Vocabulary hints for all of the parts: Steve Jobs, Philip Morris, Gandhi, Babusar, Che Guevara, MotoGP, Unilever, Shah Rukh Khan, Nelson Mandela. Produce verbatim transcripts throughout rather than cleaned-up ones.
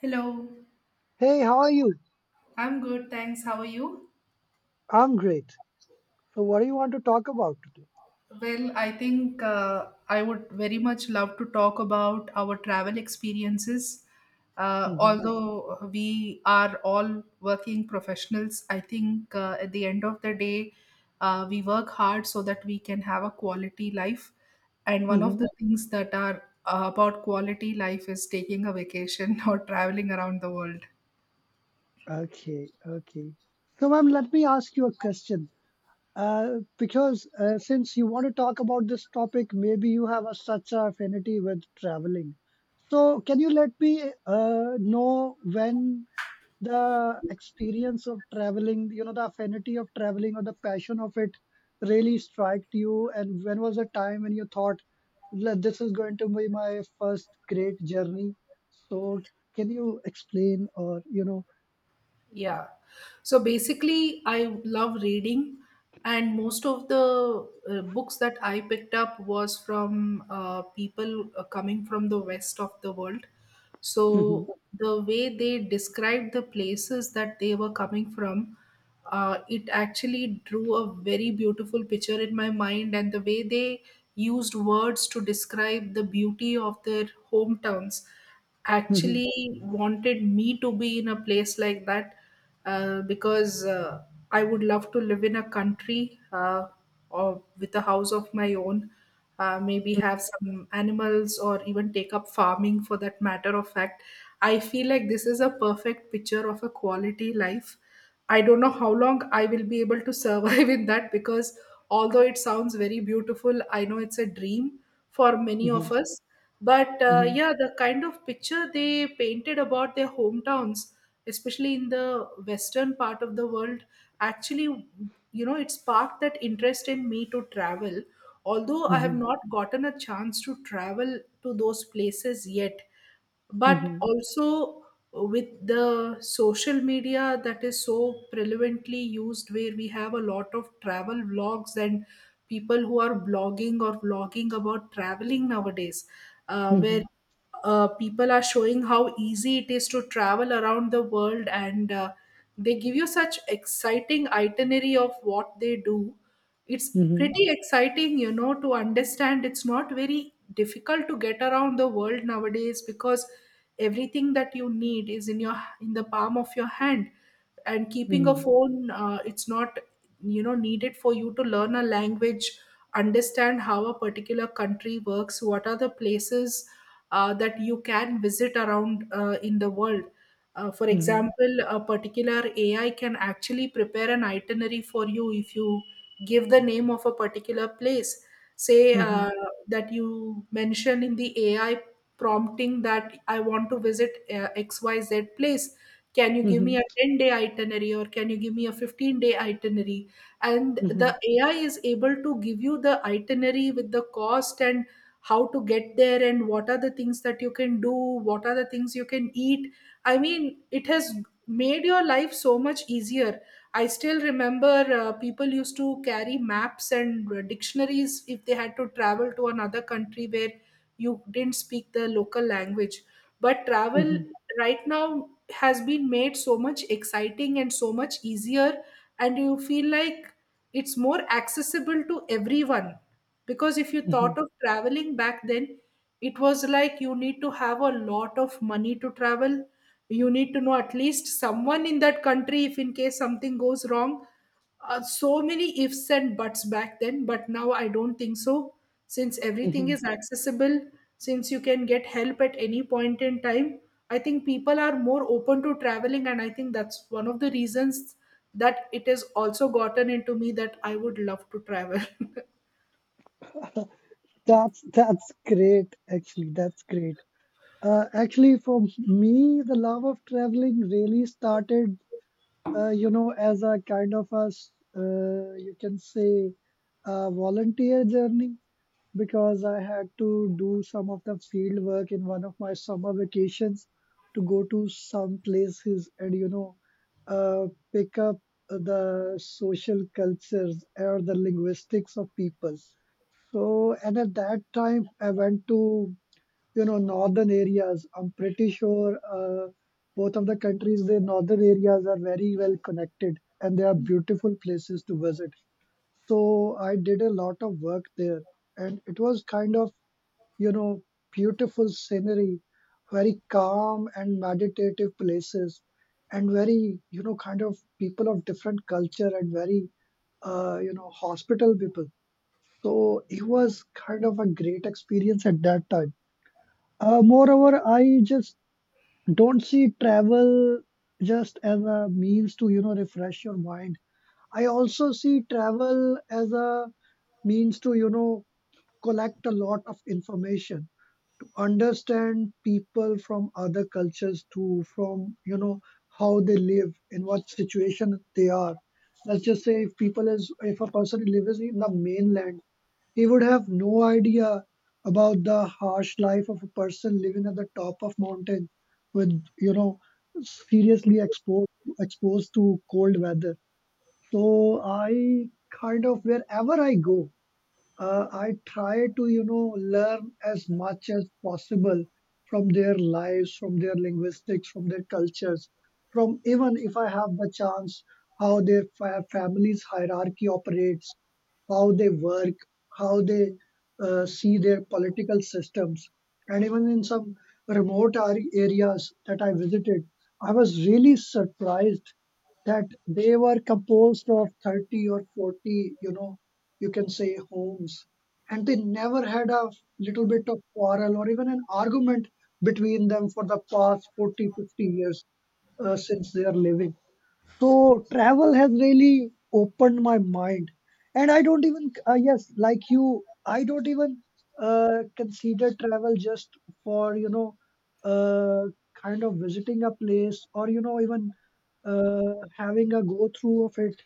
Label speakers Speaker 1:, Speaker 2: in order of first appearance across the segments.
Speaker 1: Hello,
Speaker 2: Hey, how are you?
Speaker 1: I'm good, thanks. How are you?
Speaker 2: I'm great. So, what do you want to talk about today?
Speaker 1: Well, I think uh, I would very much love to talk about our travel experiences. Uh,
Speaker 2: Hmm.
Speaker 1: although we are all working professionals, I think uh, at the end of the day, uh, we work hard so that we can have a quality life. And one of
Speaker 2: Hmm.
Speaker 1: the things that are uh, about quality life is taking a vacation or traveling around the world.
Speaker 2: Okay, okay. So, ma'am, let me ask you a question. Uh, because uh, since you want to talk about this topic, maybe you have a, such a affinity with traveling. So, can you let me uh, know when the experience of traveling, you know the affinity of traveling or the passion of it really struck you, and when was the time when you thought, "Look, this is going to be my first great journey, so can you explain or you know
Speaker 1: Yeah. So basically, I love reading, and most of the uh, books that I picked up was from uh, people uh, coming from the west of the world.
Speaker 2: Mhm.
Speaker 1: So the way they described the places that they were coming from, uh, it actually drew a very beautiful picture in my mind, and the way they used words to describe the beauty of their hometowns
Speaker 2: Mhm.
Speaker 1: actually wanted me to be in a place like that uh, because uh, I would love to live in a country, uh, or with a house of my own, uh, maybe have some animals or even take up farming for that matter of fact. I feel like this is a perfect picture of a quality life. I don't know how long I will be able to survive in that, because although it sounds very beautiful, I know it's a dream for many of
Speaker 2: Mhm.
Speaker 1: us. But uh,
Speaker 2: Mhm.
Speaker 1: yeah, the kind of picture they painted about their hometowns, especially in the western part of the world, actually, you know it sparked that interest in me to travel, although I have
Speaker 2: Mhm.
Speaker 1: not gotten a chance to travel to those places yet. But
Speaker 2: Mhm.
Speaker 1: also uh, with the social media that is so prevalently used, where we have a lot of travel vlogs and people who are blogging or vlogging about traveling nowadays, uh, where
Speaker 2: Mhm.
Speaker 1: uh, people are showing how easy it is to travel around the world, and uh, they give you such exciting itinerary of what they do. It's
Speaker 2: Mhm.
Speaker 1: pretty exciting, you know, to understand it's not very difficult to get around the world nowadays, because everything that you need is in your in the palm of your hand. And keeping a
Speaker 2: Mhm.
Speaker 1: phone, uh, it's not you know needed for you to learn a language, understand how a particular country works, what are the places uh, that you can visit around uh, in the world. Uh, for
Speaker 2: Mhm.
Speaker 1: example, a particular AI can actually prepare an itinerary for you, if you give the name of a particular place. Say, uh,
Speaker 2: Mhm.
Speaker 1: that you mention in the AI, prompting that I want to visit uh, X Y Z place. Can you give me
Speaker 2: Mhm.
Speaker 1: a ten day itinerary, or can you give me a fifteen day itinerary? And
Speaker 2: Mhm.
Speaker 1: the A I is able to give you the itinerary with the cost, and how to get there, and what are the things that you can do, what are the things you can eat. I mean, it has made your life so much easier. I still remember, uh, people used to carry maps and uh, dictionaries if they had to travel to another country where you didn't speak the local language. But travel
Speaker 2: Mhm.
Speaker 1: right now has been made so much exciting and so much easier, and you feel like it's more accessible to everyone. Because if you thought
Speaker 2: Mhm.
Speaker 1: of traveling back then, it was like you need to have a lot of money to travel, you need to know at least someone in that country if in case something goes wrong. Uh, so many ifs and buts back then, but now I don't think so. Since everything
Speaker 2: Mhm.
Speaker 1: is accessible, since you can get help at any point in time, I think people are more open to traveling, and I think that's one of the reasons that it has also gotten into me that I would love to travel.
Speaker 2: that's that's great, actually, that's great. Uh, actually, for me, the love of traveling really started, uh, you know, as a kind of a, s- uh, you can say, a volunteer journey, because I had to do some of the field work in one of my summer vacations to go to some places and, you know, uh, pick up the social cultures or the linguistics of people. So, and at that time, I went to, you know northern areas. I'm pretty sure uh, both of the countries, their northern areas are very well connected, and they are beautiful places to visit. So I did a lot of work there, and it was, kind of, you know beautiful scenery, very calm and meditative places, and very, you know kind of people of different culture, and very, uh, you know hospitable people. So it was kind of a great experience at that time. Uh, moreover, I just don't see travel just as a means to, you know refresh your mind. I also see travel as a means to, you know collect a lot of information, to understand people from other cultures too, from, you know how they live, in what situation they are. Let's just say, if people is if a person lives in the mainland, he would have no idea about the harsh life of a person living at the top of mountain, with, you know, seriously exposed exposed to cold weather. So I, kind of, wherever I go, uh, I try to, you know learn as much as possible from their lives, from their linguistics, from their cultures, from, even if I have the chance, how their fa- family's hierarchy operates, how they work, how they uh, see their political systems. And even in some remote ar- areas that I visited, I was really surprised that they were composed of thirty or forty, you know, you can say, homes. And they never had a little bit of quarrel or even an argument between them for the past forty, fifty years, uh, since they are living. So travel has really opened my mind, and I don't even, uh, yes, like you, I don't even, uh, consider travel just for, you know uh, kind of visiting a place, or, you know even, uh, having a go through of it,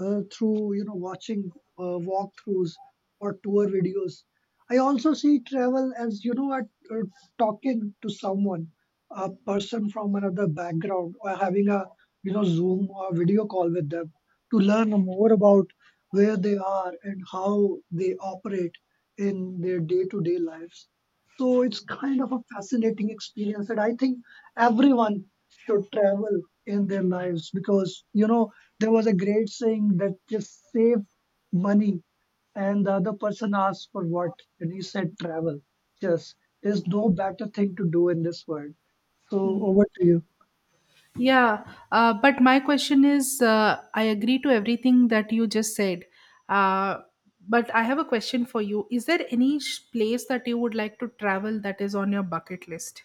Speaker 2: uh, through, you know watching, uh, walkthroughs or tour videos. I also see travel as, you know at uh, talking to someone, a person from another background, or having a, you know Zoom or video call with them, to learn more about where they are and how they operate in their day-to-day lives. So it's kind of a fascinating experience that I think everyone should travel in their lives, because, you know, there was a great saying that, just save money. And the other person asked, for what? And he said, travel. Just, there's no better thing to do in this world. So over to you.
Speaker 1: Yeah, uh, but my question is, uh, I agree to everything that you just said. Uh, but I have a question for you. Is there any sh- place that you would like to travel that is on your bucket list?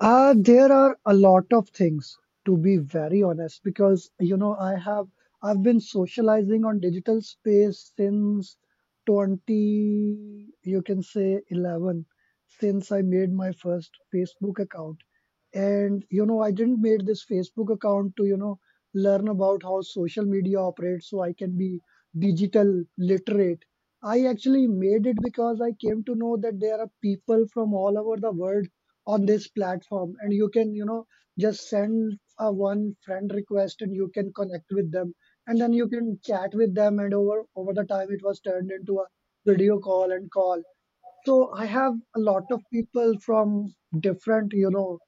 Speaker 2: Uh, there are a lot of things, to be very honest, because, you know I have I've been socializing on digital space since twenty, you can say, eleven, since I made my first Facebook account, and, you know I didn't made this Facebook account to, you know learn about how social media operates, so I can be digital literate. I actually made it because I came to know that there are people from all over the world on this platform, and you can, you know just send a one friend request, and you can connect with them, and then you can chat with them, and over over the time it was turned into a video call and call. So I have a lot of people from different, you know,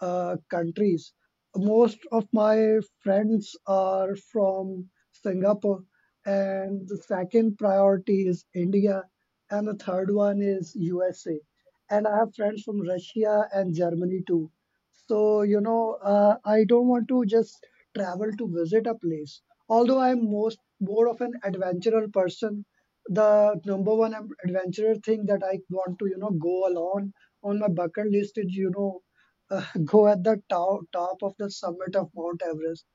Speaker 2: uh, countries. Most of my friends are from Singapore, and the second priority is India, and the third one is U S A. And I have friends from Russia and Germany too. So, you know, uh, I don't want to just travel to visit a place. Although I'm most more of an adventurer person, the number one am- adventurer thing that I want to, you know, go along on my bucket list is, you know, uh, go at the top, top of the summit of Mount Everest.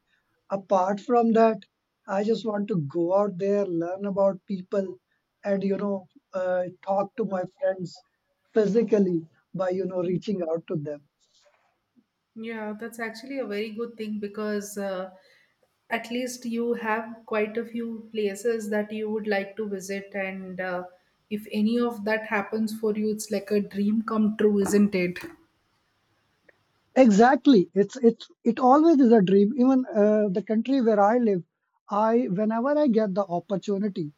Speaker 2: Apart from that, I just want to go out there, learn about people, and, you know, uh, talk to my friends physically, by, you know, reaching out to them.
Speaker 1: Yeah, that's actually a very good thing, because uh, at least you have quite a few places that you would like to visit, and uh, if any of that happens for you, it's like a dream come true, isn't it?
Speaker 2: Exactly. It's it's it always is a dream. Even uh, the country where I live, I whenever I get the opportunity,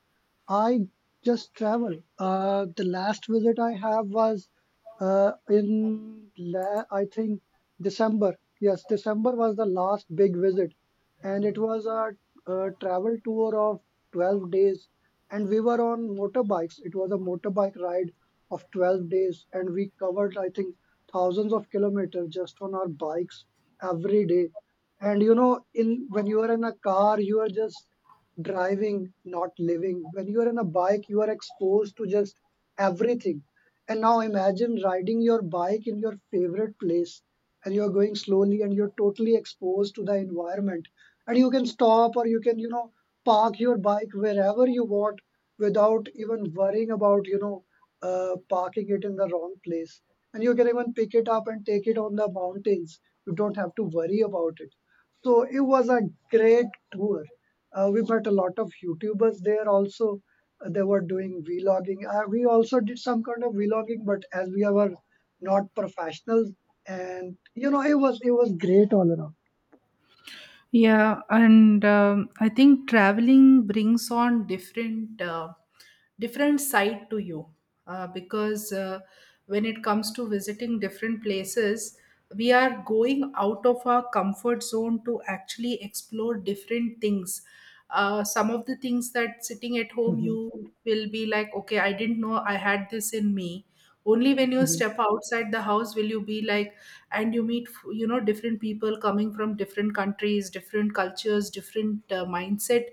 Speaker 2: I just travel. Uh, the last visit I have was uh, in la I think, December. Yes, December was the last big visit, and it was a, a travel tour of twelve days, and we were on motorbikes. It was a motorbike ride of twelve days, and we covered, I think, thousands of kilometers just on our bikes every day. And, you know, in when you are in a car, you are just driving, not living. When you are on a bike, you are exposed to just everything. And now imagine riding your bike in your favorite place, and you're going slowly, and you're totally exposed to the environment. And you can stop, or you can, you know, park your bike wherever you want, without even worrying about, you know, uh, parking it in the wrong place. And you can even pick it up and take it on the mountains. You don't have to worry about it. So it was a great tour. Uh, we met a lot of YouTubers there also. Uh, they were doing vlogging. Uh, we also did some kind of vlogging, but as we were not professionals, and, you know, it was it was great all around.
Speaker 1: Yeah, and um, I think traveling brings on different uh, different side to you, uh, because uh, when it comes to visiting different places, we are going out of our comfort zone to actually explore different things. Uh, some of the things that sitting at home,
Speaker 2: Mhm.
Speaker 1: you will be like, okay, I didn't know I had this in me. Only when you
Speaker 2: Mhm.
Speaker 1: step outside the house will you be like, and you meet, you know, different people coming from different countries, different cultures, different uh, mindset.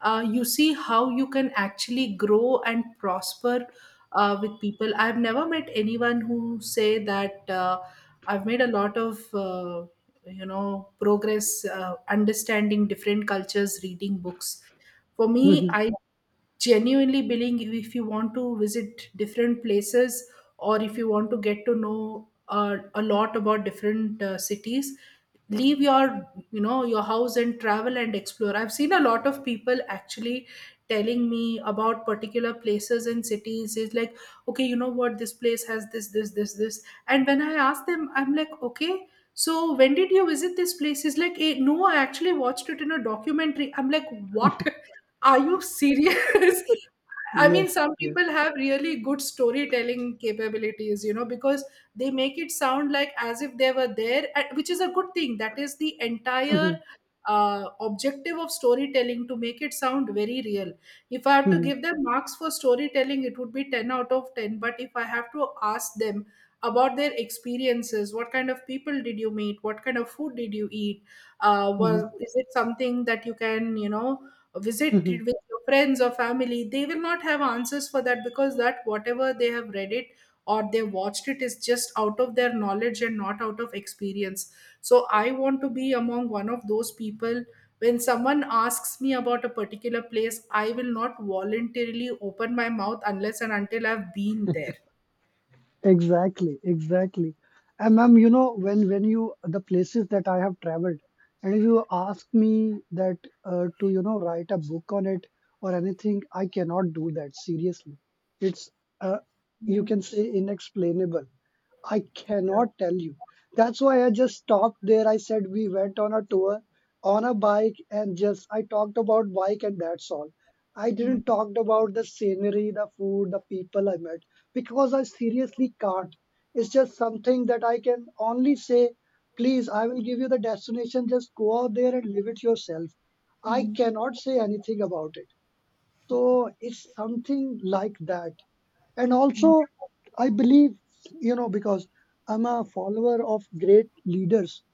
Speaker 1: Uh, you see how you can actually grow and prosper uh, with people. I've never met anyone who say that, uh, I've made a lot of uh, you know progress uh, understanding different cultures reading books. For me,
Speaker 2: Mhm.
Speaker 1: I genuinely believing you- if you want to visit different places, or if you want to get to know uh, a lot about different uh, cities, leave your you know your house and travel and explore. I've seen a lot of people actually telling me about particular places and cities, is like, okay, you know what, this place has this, this, this, this. And when I ask them, I'm like, okay, so when did you visit this place? Is like, eh, no, I actually watched it in a documentary. I'm like, what? Are you serious? I mean,
Speaker 2: Yes,
Speaker 1: some
Speaker 2: yes.
Speaker 1: people have really good storytelling capabilities, you know, because they make it sound like as if they were there, and- which is a good thing. That is the entire
Speaker 2: Mhm.
Speaker 1: uh, objective of storytelling, to make it sound very real. If I have to
Speaker 2: Mhm.
Speaker 1: give them marks for storytelling, it would be ten out of ten. But if I have to ask them about their experiences, what kind of people did you meet? What kind of food did you eat? Uh, was
Speaker 2: Mhm.
Speaker 1: is it something that you can, you know, visit
Speaker 2: Mhm.
Speaker 1: with your friends or family? They will not have answers for that, because that whatever they have read it or they watched it is just out of their knowledge and not out of experience. So I want to be among one of those people. When someone asks me about a particular place, I will not voluntarily open my mouth unless and until I've been there.
Speaker 2: Exactly, exactly. And, ma'am, you know, when when you the places that I have traveled, and if you ask me that, uh, to, you know write a book on it or anything, I cannot do that, seriously. It's, uh, you can say, inexplainable. I cannot tell you. That's why I just stopped there. I said we went on a tour on a bike, and just I talked about bike, and that's all. I
Speaker 1: Hmm.
Speaker 2: didn't talk about the scenery, the food, the people I met, because I seriously can't. It's just something that I can only say, please, I will give you the destination. Just go out there and live it yourself. I cannot say anything about it. So it's something like that. And also, I believe, you know, because I'm a follower of great leaders,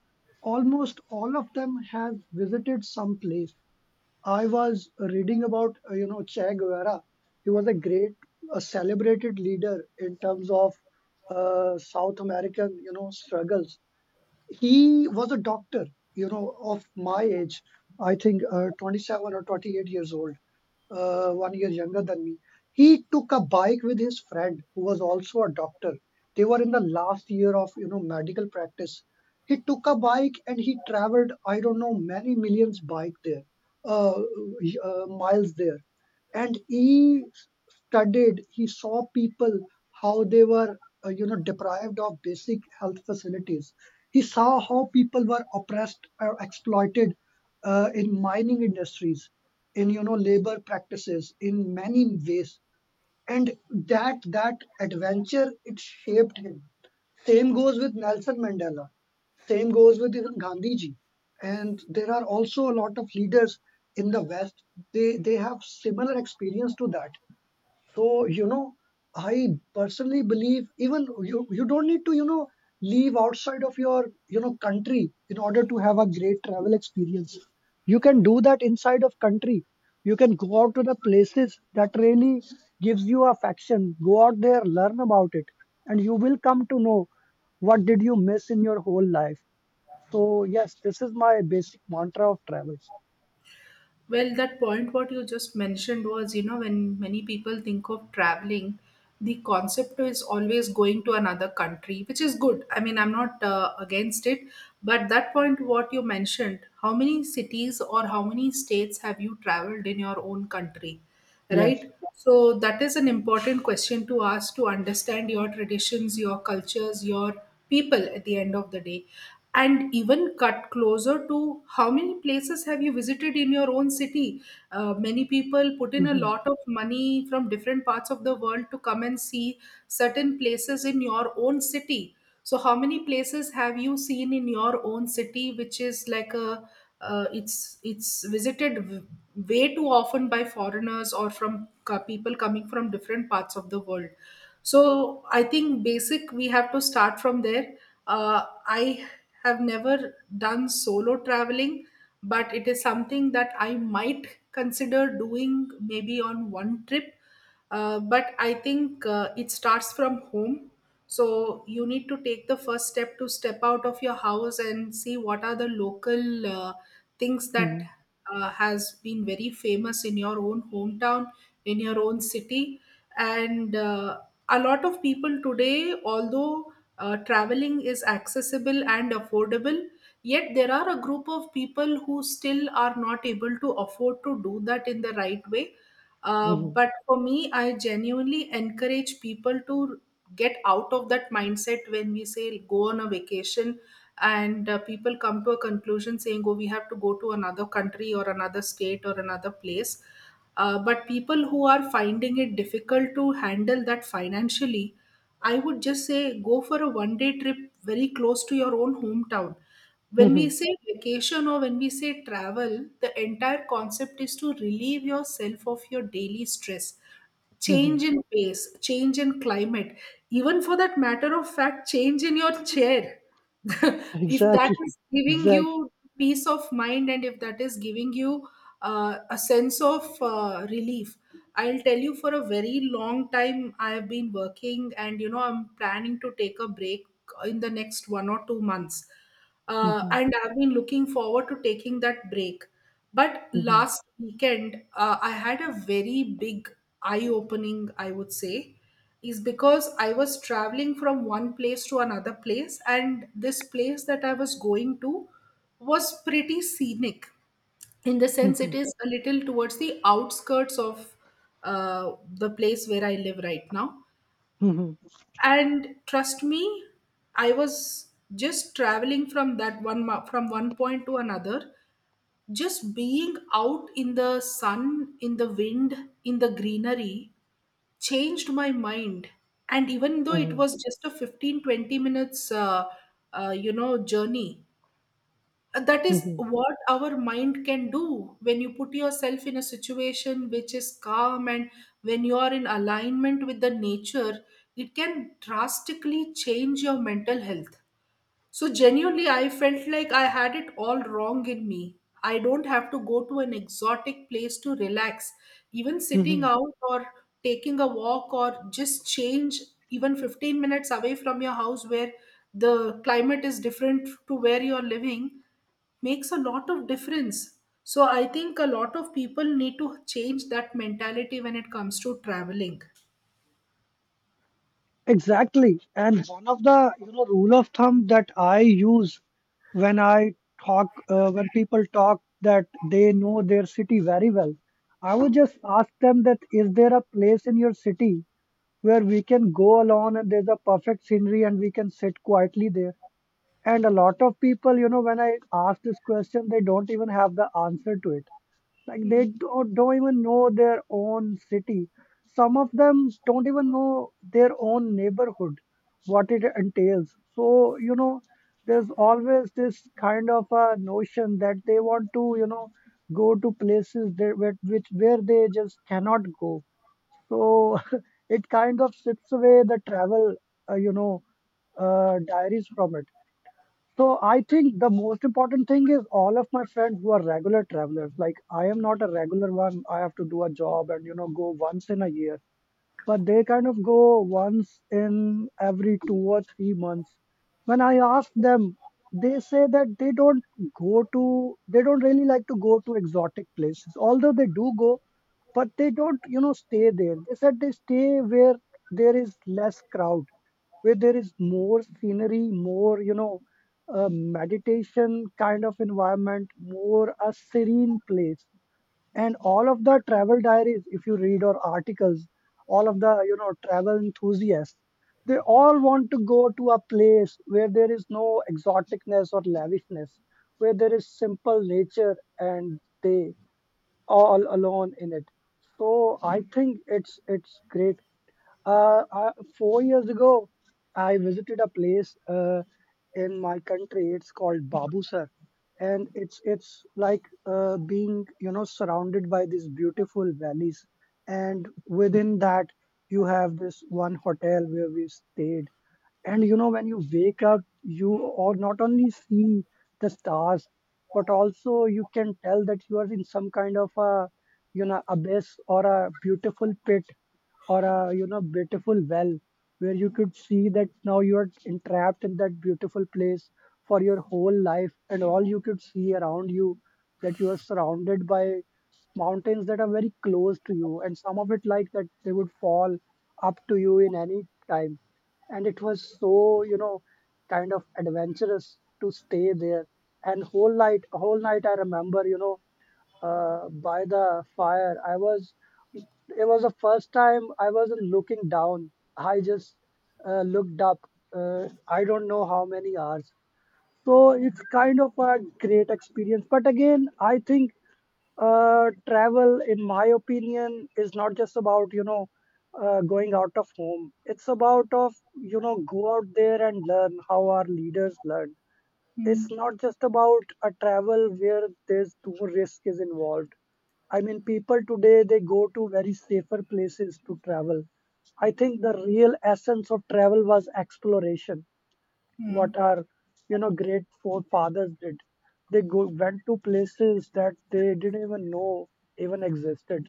Speaker 2: almost all of them have visited some place. I was reading about, uh, you know, Che Guevara. He was a great, a celebrated leader in terms of uh, South American, you know, struggles. He was a doctor, you know of my age, I think uh, twenty-seven or twenty-eight years old, uh, one year younger than me. He took a bike with his friend, who was also a doctor. They were in the last year of, you know medical practice. He took a bike, and he traveled, I don't know, many millions bike there uh, uh, miles there. And he studied, he saw people, how they were, uh, you know deprived of basic health facilities. He saw how people were oppressed or exploited, uh, in mining industries, in, you know labor practices, in many ways. And that that adventure, it shaped him. Same goes with Nelson Mandela. Same goes with even Gandhi ji. And there are also a lot of leaders in the west. They they have similar experience to that. So, you know, I personally believe, even you, you don't need to, you know, leave outside of your, you know, country, in order to have a great travel experience. You can do that inside of country. You can go out to the places that really gives you affection. Go out there, learn about it, and you will come to know what did you miss in your whole life. So, yes, this is my basic mantra of travels.
Speaker 1: Well, that point what you just mentioned was, you know, when many people think of traveling, the concept is always going to another country, which is good. I mean, I'm not uh, against it, but that point what you mentioned, how many cities or how many states have you traveled in your own country,
Speaker 2: Yes.
Speaker 1: right? So that is an important question to ask, to understand your traditions, your cultures, your people at the end of the day. And even cut closer, to how many places have you visited in your own city. Uh, many people put in a
Speaker 2: Hmm.
Speaker 1: lot of money from different parts of the world to come and see certain places in your own city. So how many places have you seen in your own city, which is like a, uh, it's it's visited w- way too often by foreigners or from co- people coming from different parts of the world. So I think basic, we have to start from there. Uh, I have never done solo traveling, but it is something that I might consider doing maybe on one trip. Uh, but I think uh, it starts from home. So you need to take the first step to step out of your house and see what are the local uh, things that
Speaker 2: Hmm.
Speaker 1: uh, has been very famous in your own hometown, in your own city. And uh, a lot of people today, although uh, traveling is accessible and affordable, yet there are a group of people who still are not able to afford to do that in the right way. Uh,
Speaker 2: Hmm.
Speaker 1: but for me, I genuinely encourage people to get out of that mindset when we say go on a vacation. And uh, people come to a conclusion saying, oh, we have to go to another country, or another state, or another place. Uh, but people who are finding it difficult to handle that financially, I would just say go for a one day trip very close to your own hometown. When
Speaker 2: Hmm.
Speaker 1: we say vacation, or when we say travel, the entire concept is to relieve yourself of your daily stress,
Speaker 2: Hmm.
Speaker 1: change in pace, change in climate, even for that matter of fact, change in your chair. If that
Speaker 2: Exactly.
Speaker 1: is giving
Speaker 2: Exactly.
Speaker 1: you peace of mind and if that is giving you uh, a sense of uh, relief, I'll tell you, for a very long time, I have been working, and you know, I'm planning to take a break in the next one or two months. Uh,
Speaker 2: Mhm.
Speaker 1: and I've been looking forward to taking that break. But
Speaker 2: Mhm.
Speaker 1: last weekend, uh, I had a very big eye opening, I would say, is because I was traveling from one place to another place, and this place that I was going to was pretty scenic, in the sense it
Speaker 2: Mhm.
Speaker 1: is a little towards the outskirts of uh, the place where I live right now.
Speaker 2: Mhm.
Speaker 1: And trust me, I was just traveling from that one mo- from one point to another, just being out in the sun, in the wind, in the greenery, changed my mind. And even though it
Speaker 2: Mhm.
Speaker 1: was just a fifteen twenty minutes uh, uh, you know journey, uh, that is
Speaker 2: Mhm.
Speaker 1: what our mind can do when you put yourself in a situation which is calm and when you are in alignment with the nature. It can drastically change your mental health. So genuinely, I felt like I had it all wrong in me. I don't have to go to an exotic place to relax. Even sitting
Speaker 2: Mhm.
Speaker 1: out, or taking a walk, or just change even fifteen minutes away from your house where the climate is different to where you're living, makes a lot of difference. So I think a lot of people need to change that mentality when it comes to traveling.
Speaker 2: Exactly. And one of the, you know, rule of thumb that I use when I talk, uh, when people talk that they know their city very well, I would just ask them that is there a place in your city where we can go alone and there's a perfect scenery and we can sit quietly there. And a lot of people, you know, when I ask this question, they don't even have the answer to it, like they
Speaker 1: Hmm.
Speaker 2: do, don't even know their own city. Some of them don't even know their own neighborhood, what it entails. So you know, there's always this kind of a notion that they want to, you know, go to places that, where- which where they just cannot go. So it kind of strips away the travel, uh, you know, uh, diaries from it. So I think the most important thing is all of my friends who are regular travelers. Like I am not a regular one. I have to do a job and, you know, go once in a year, but they kind of go once in every two or three months. When I ask them, they say that they don't go to, they don't really like to go to exotic places, although they do go, but they don't, you know, stay there. They said they stay where there is less crowd, where there is more scenery, more, you know, uh, meditation kind of environment, more a serene place. And all of the travel diaries, if you read, or articles, all of the, you know, travel enthusiasts, they all want to go to a place where there is no exoticness or lavishness, where there is simple nature and they all alone in it. So I think it's it's great. Uh, I, Four years ago, I visited a place uh, in my country. It's called Babusar, and it's it's like uh, being, you know, surrounded by these beautiful valleys, and within that you have this one hotel where we stayed. And you know, when you wake up, you or not only see the stars, but also you can tell that you are in some kind of a, you know, abyss or a beautiful pit or a, you know, beautiful well, where you could see that now you are entrapped in that beautiful place for your whole life. And all you could see around you that you are surrounded by mountains that are very close to you. And some of it like that they would fall up to you in any time. And it was so, you know, kind of adventurous to stay there. And whole night whole night I remember, you know, uh, by the fire I was, it was the first time I wasn't looking down. I just uh, looked up, uh, I don't know how many hours. So it's kind of a great experience. But again, I think uh, travel, in my opinion, is not just about, you know, uh, going out of home. It's about of, you know, go out there and learn how our leaders learn. It's
Speaker 1: Hmm.
Speaker 2: not just about a travel where there's too much risk is involved. I mean, people today, they go to very safer places to travel. I think the real essence of travel was exploration,
Speaker 1: Hmm.
Speaker 2: what our, you know, great forefathers did. They go, went to places that they didn't even know even existed.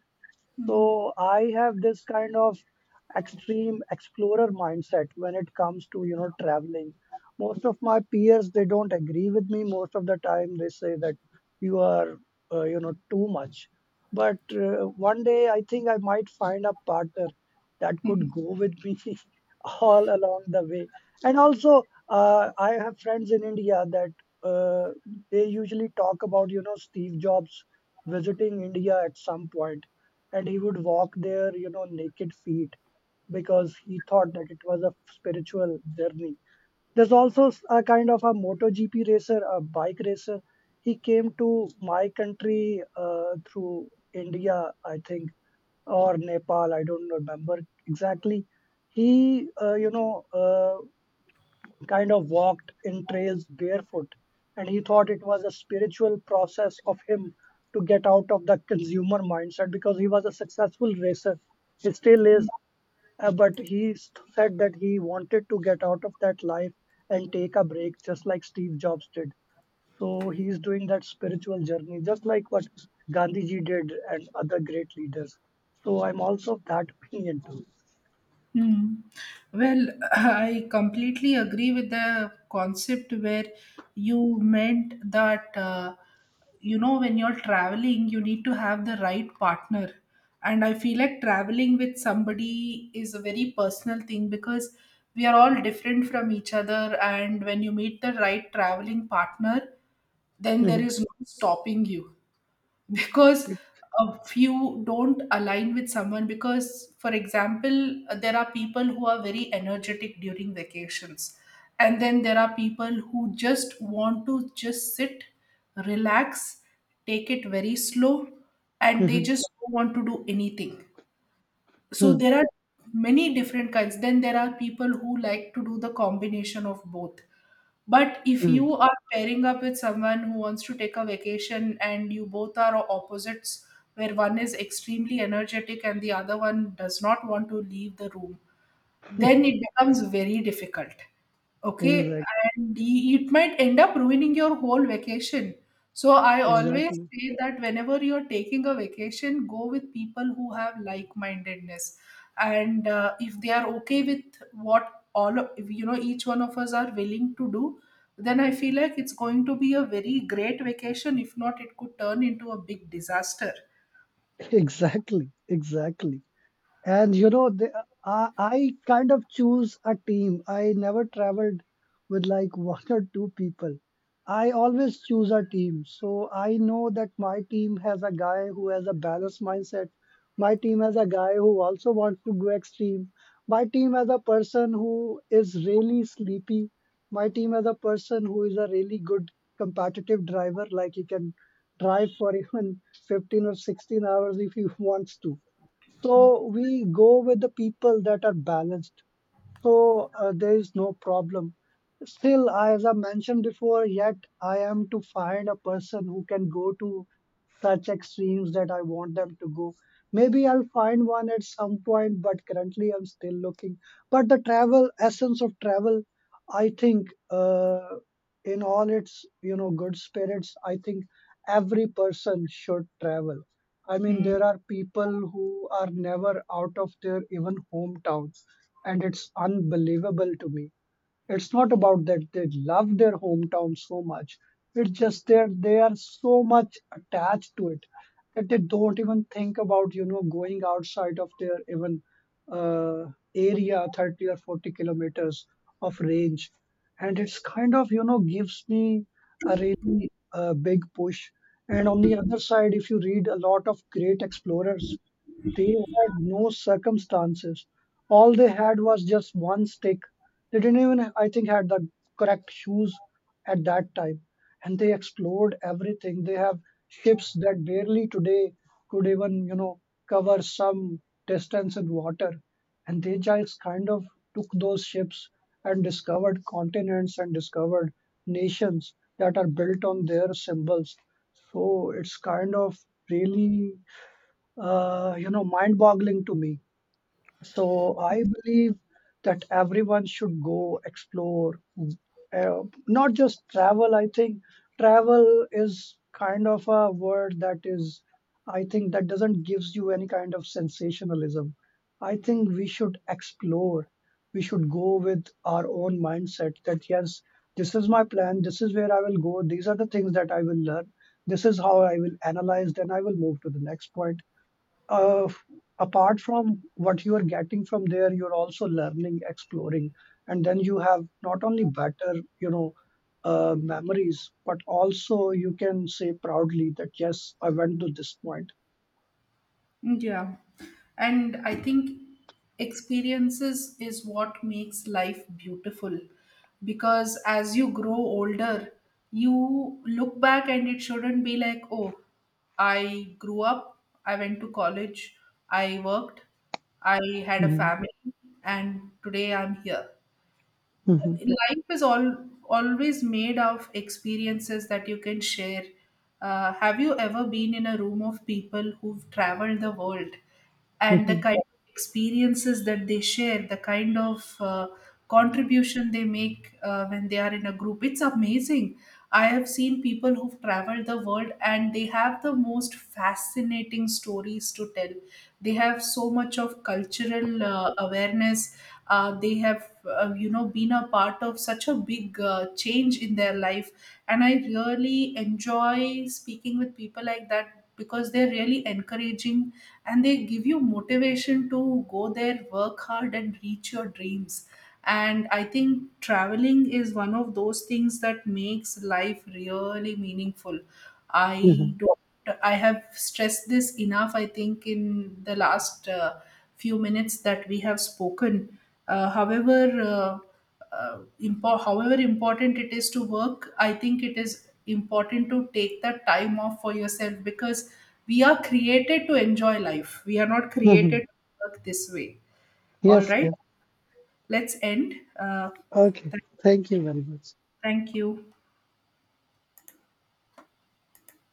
Speaker 2: So I have this kind of extreme explorer mindset when it comes to, you know, traveling. Most of my peers, they don't agree with me most of the time. They say that you are uh, you know too much. But uh, one day I think I might find a partner that could go with me all along the way. And also uh, I have friends in India that uh, they usually talk about, you know, Steve Jobs visiting India at some point, and he would walk there, you know, naked feet, because he thought that it was a spiritual journey. There's also s- a kind of a MotoGP racer, a bike racer. He came to my country uh, through India, I think, or Nepal. I don't remember exactly. He, uh, you know, uh, kind of walked in trails barefoot, and he thought it was a spiritual process of him to get out of the consumer mindset because he was a successful racer. He still is, uh, but he s- said that he wanted to get out of that life and take a break, just like Steve Jobs did. So he is doing that spiritual journey, just like what Gandhi ji did and other great leaders. So I'm also of that opinion too.
Speaker 1: Hmm. Well, I completely agree with the concept where you meant that, uh, you know, when you're traveling, you need to have the right partner. And I feel like traveling with somebody is a very personal thing, because we are all different from each other. And when you meet the right traveling partner, then there
Speaker 2: Mhm.
Speaker 1: is no stopping you, because if you don't align with someone, because for example, there are people who are very energetic during vacations, and then there are people who just want to just sit, relax, take it very slow, and they
Speaker 2: Mhm.
Speaker 1: just don't want to do anything. So
Speaker 2: Mhm.
Speaker 1: there are many different kinds. Then there are people who like to do the combination of both. But if
Speaker 2: Mhm.
Speaker 1: you are pairing up with someone who wants to take a vacation and you both are opposites, where one is extremely energetic and the other one does not want to leave the room, then it becomes very difficult. Okay,
Speaker 2: Exact-
Speaker 1: and y- it might end up ruining your whole vacation. So I always
Speaker 2: Exactly.
Speaker 1: say that whenever you're taking a vacation, go with people who have like-mindedness, and uh, if they are okay with what all of- you know, each one of us are willing to do, then I feel like it's going to be a very great vacation. If not, it could turn into a big disaster.
Speaker 2: Exactly, exactly. And you know, they, I, I kind of choose a team. I never traveled with like one or two people. I always choose a team. So I know that my team has a guy who has a balanced mindset. My team has a guy who also wants to go extreme. My team has a person who is really sleepy. My team has a person who is a really good competitive driver, like he can drive for even fifteen or sixteen hours if he wants to. So we go with the people that are balanced. So uh, there is no problem. Still, as I mentioned before, yet I am to find a person who can go to such extremes that I want them to go. Maybe I'll find one at some point, but currently I'm still looking. But the travel essence of travel, I think, uh, in all its, you know, good spirits, I think every person should travel. I mean,
Speaker 1: Hmm.
Speaker 2: there are people who are never out of their even hometowns, and it's unbelievable to me. It's not about that they love their hometown so much. It's just that they are so much attached to it that they don't even think about, you know, going outside of their even uh, area, thirty or forty kilometers of range. And it's kind of, you know, gives me a really uh, big push. And on the other side, if you read a lot of great explorers, they had no circumstances. All they had was just one stick. They didn't even, I think, had the correct shoes at that time. And they explored everything. They have ships that barely today could even, you know, cover some distance in water. And they just kind of took those ships and discovered continents and discovered nations that are built on their symbols. So it's kind of really, uh, you know, mind-boggling to me. So I believe that everyone should go explore, uh, not just travel. I think travel is kind of a word that is, I think that doesn't gives you any kind of sensationalism. I think we should explore. We should go with our own mindset that yes, this is my plan. This is where I will go. These are the things that I will learn. This is how I will analyze. Then I will move to the next point. uh, Apart from what you are getting from there, you're also learning, exploring, and then you have not only better, you know, uh, memories, but also you can say proudly that yes, I went to this point.
Speaker 1: Yeah. And I think experiences is what makes life beautiful, because as you grow older, you look back and it shouldn't be like, oh, I grew up, I went to college, I worked, I had a family, and today I'm here.
Speaker 2: Mm-hmm.
Speaker 1: Life is all always made of experiences that you can share. Uh, have you ever been in a room of people who've traveled the world, and the
Speaker 2: Hmm.
Speaker 1: kind of experiences that they share, the kind of uh, contribution they make uh, when they are in a group? It's amazing. I have seen people who've traveled the world and they have the most fascinating stories to tell. They have so much of cultural uh, awareness. Uh, they have uh, you know been a part of such a big uh, change in their life, and I really enjoy speaking with people like that because they're really encouraging, and they give you motivation to go there, work hard, and reach your dreams. And I think traveling is one of those things that makes life really meaningful. I
Speaker 2: Hmm.
Speaker 1: don't I have stressed this enough, I think, in the last uh, few minutes that we have spoken. Uh, however, uh, uh, impo- however important it is to work, I think it is important to take the time off for yourself, because we are created to enjoy life. We are not
Speaker 2: Hmm.
Speaker 1: created to work this way. All
Speaker 2: Yes,
Speaker 1: right,
Speaker 2: yes.
Speaker 1: let's end. Uh,
Speaker 2: Okay.
Speaker 1: th-
Speaker 2: Thank you very much.
Speaker 1: Thank you.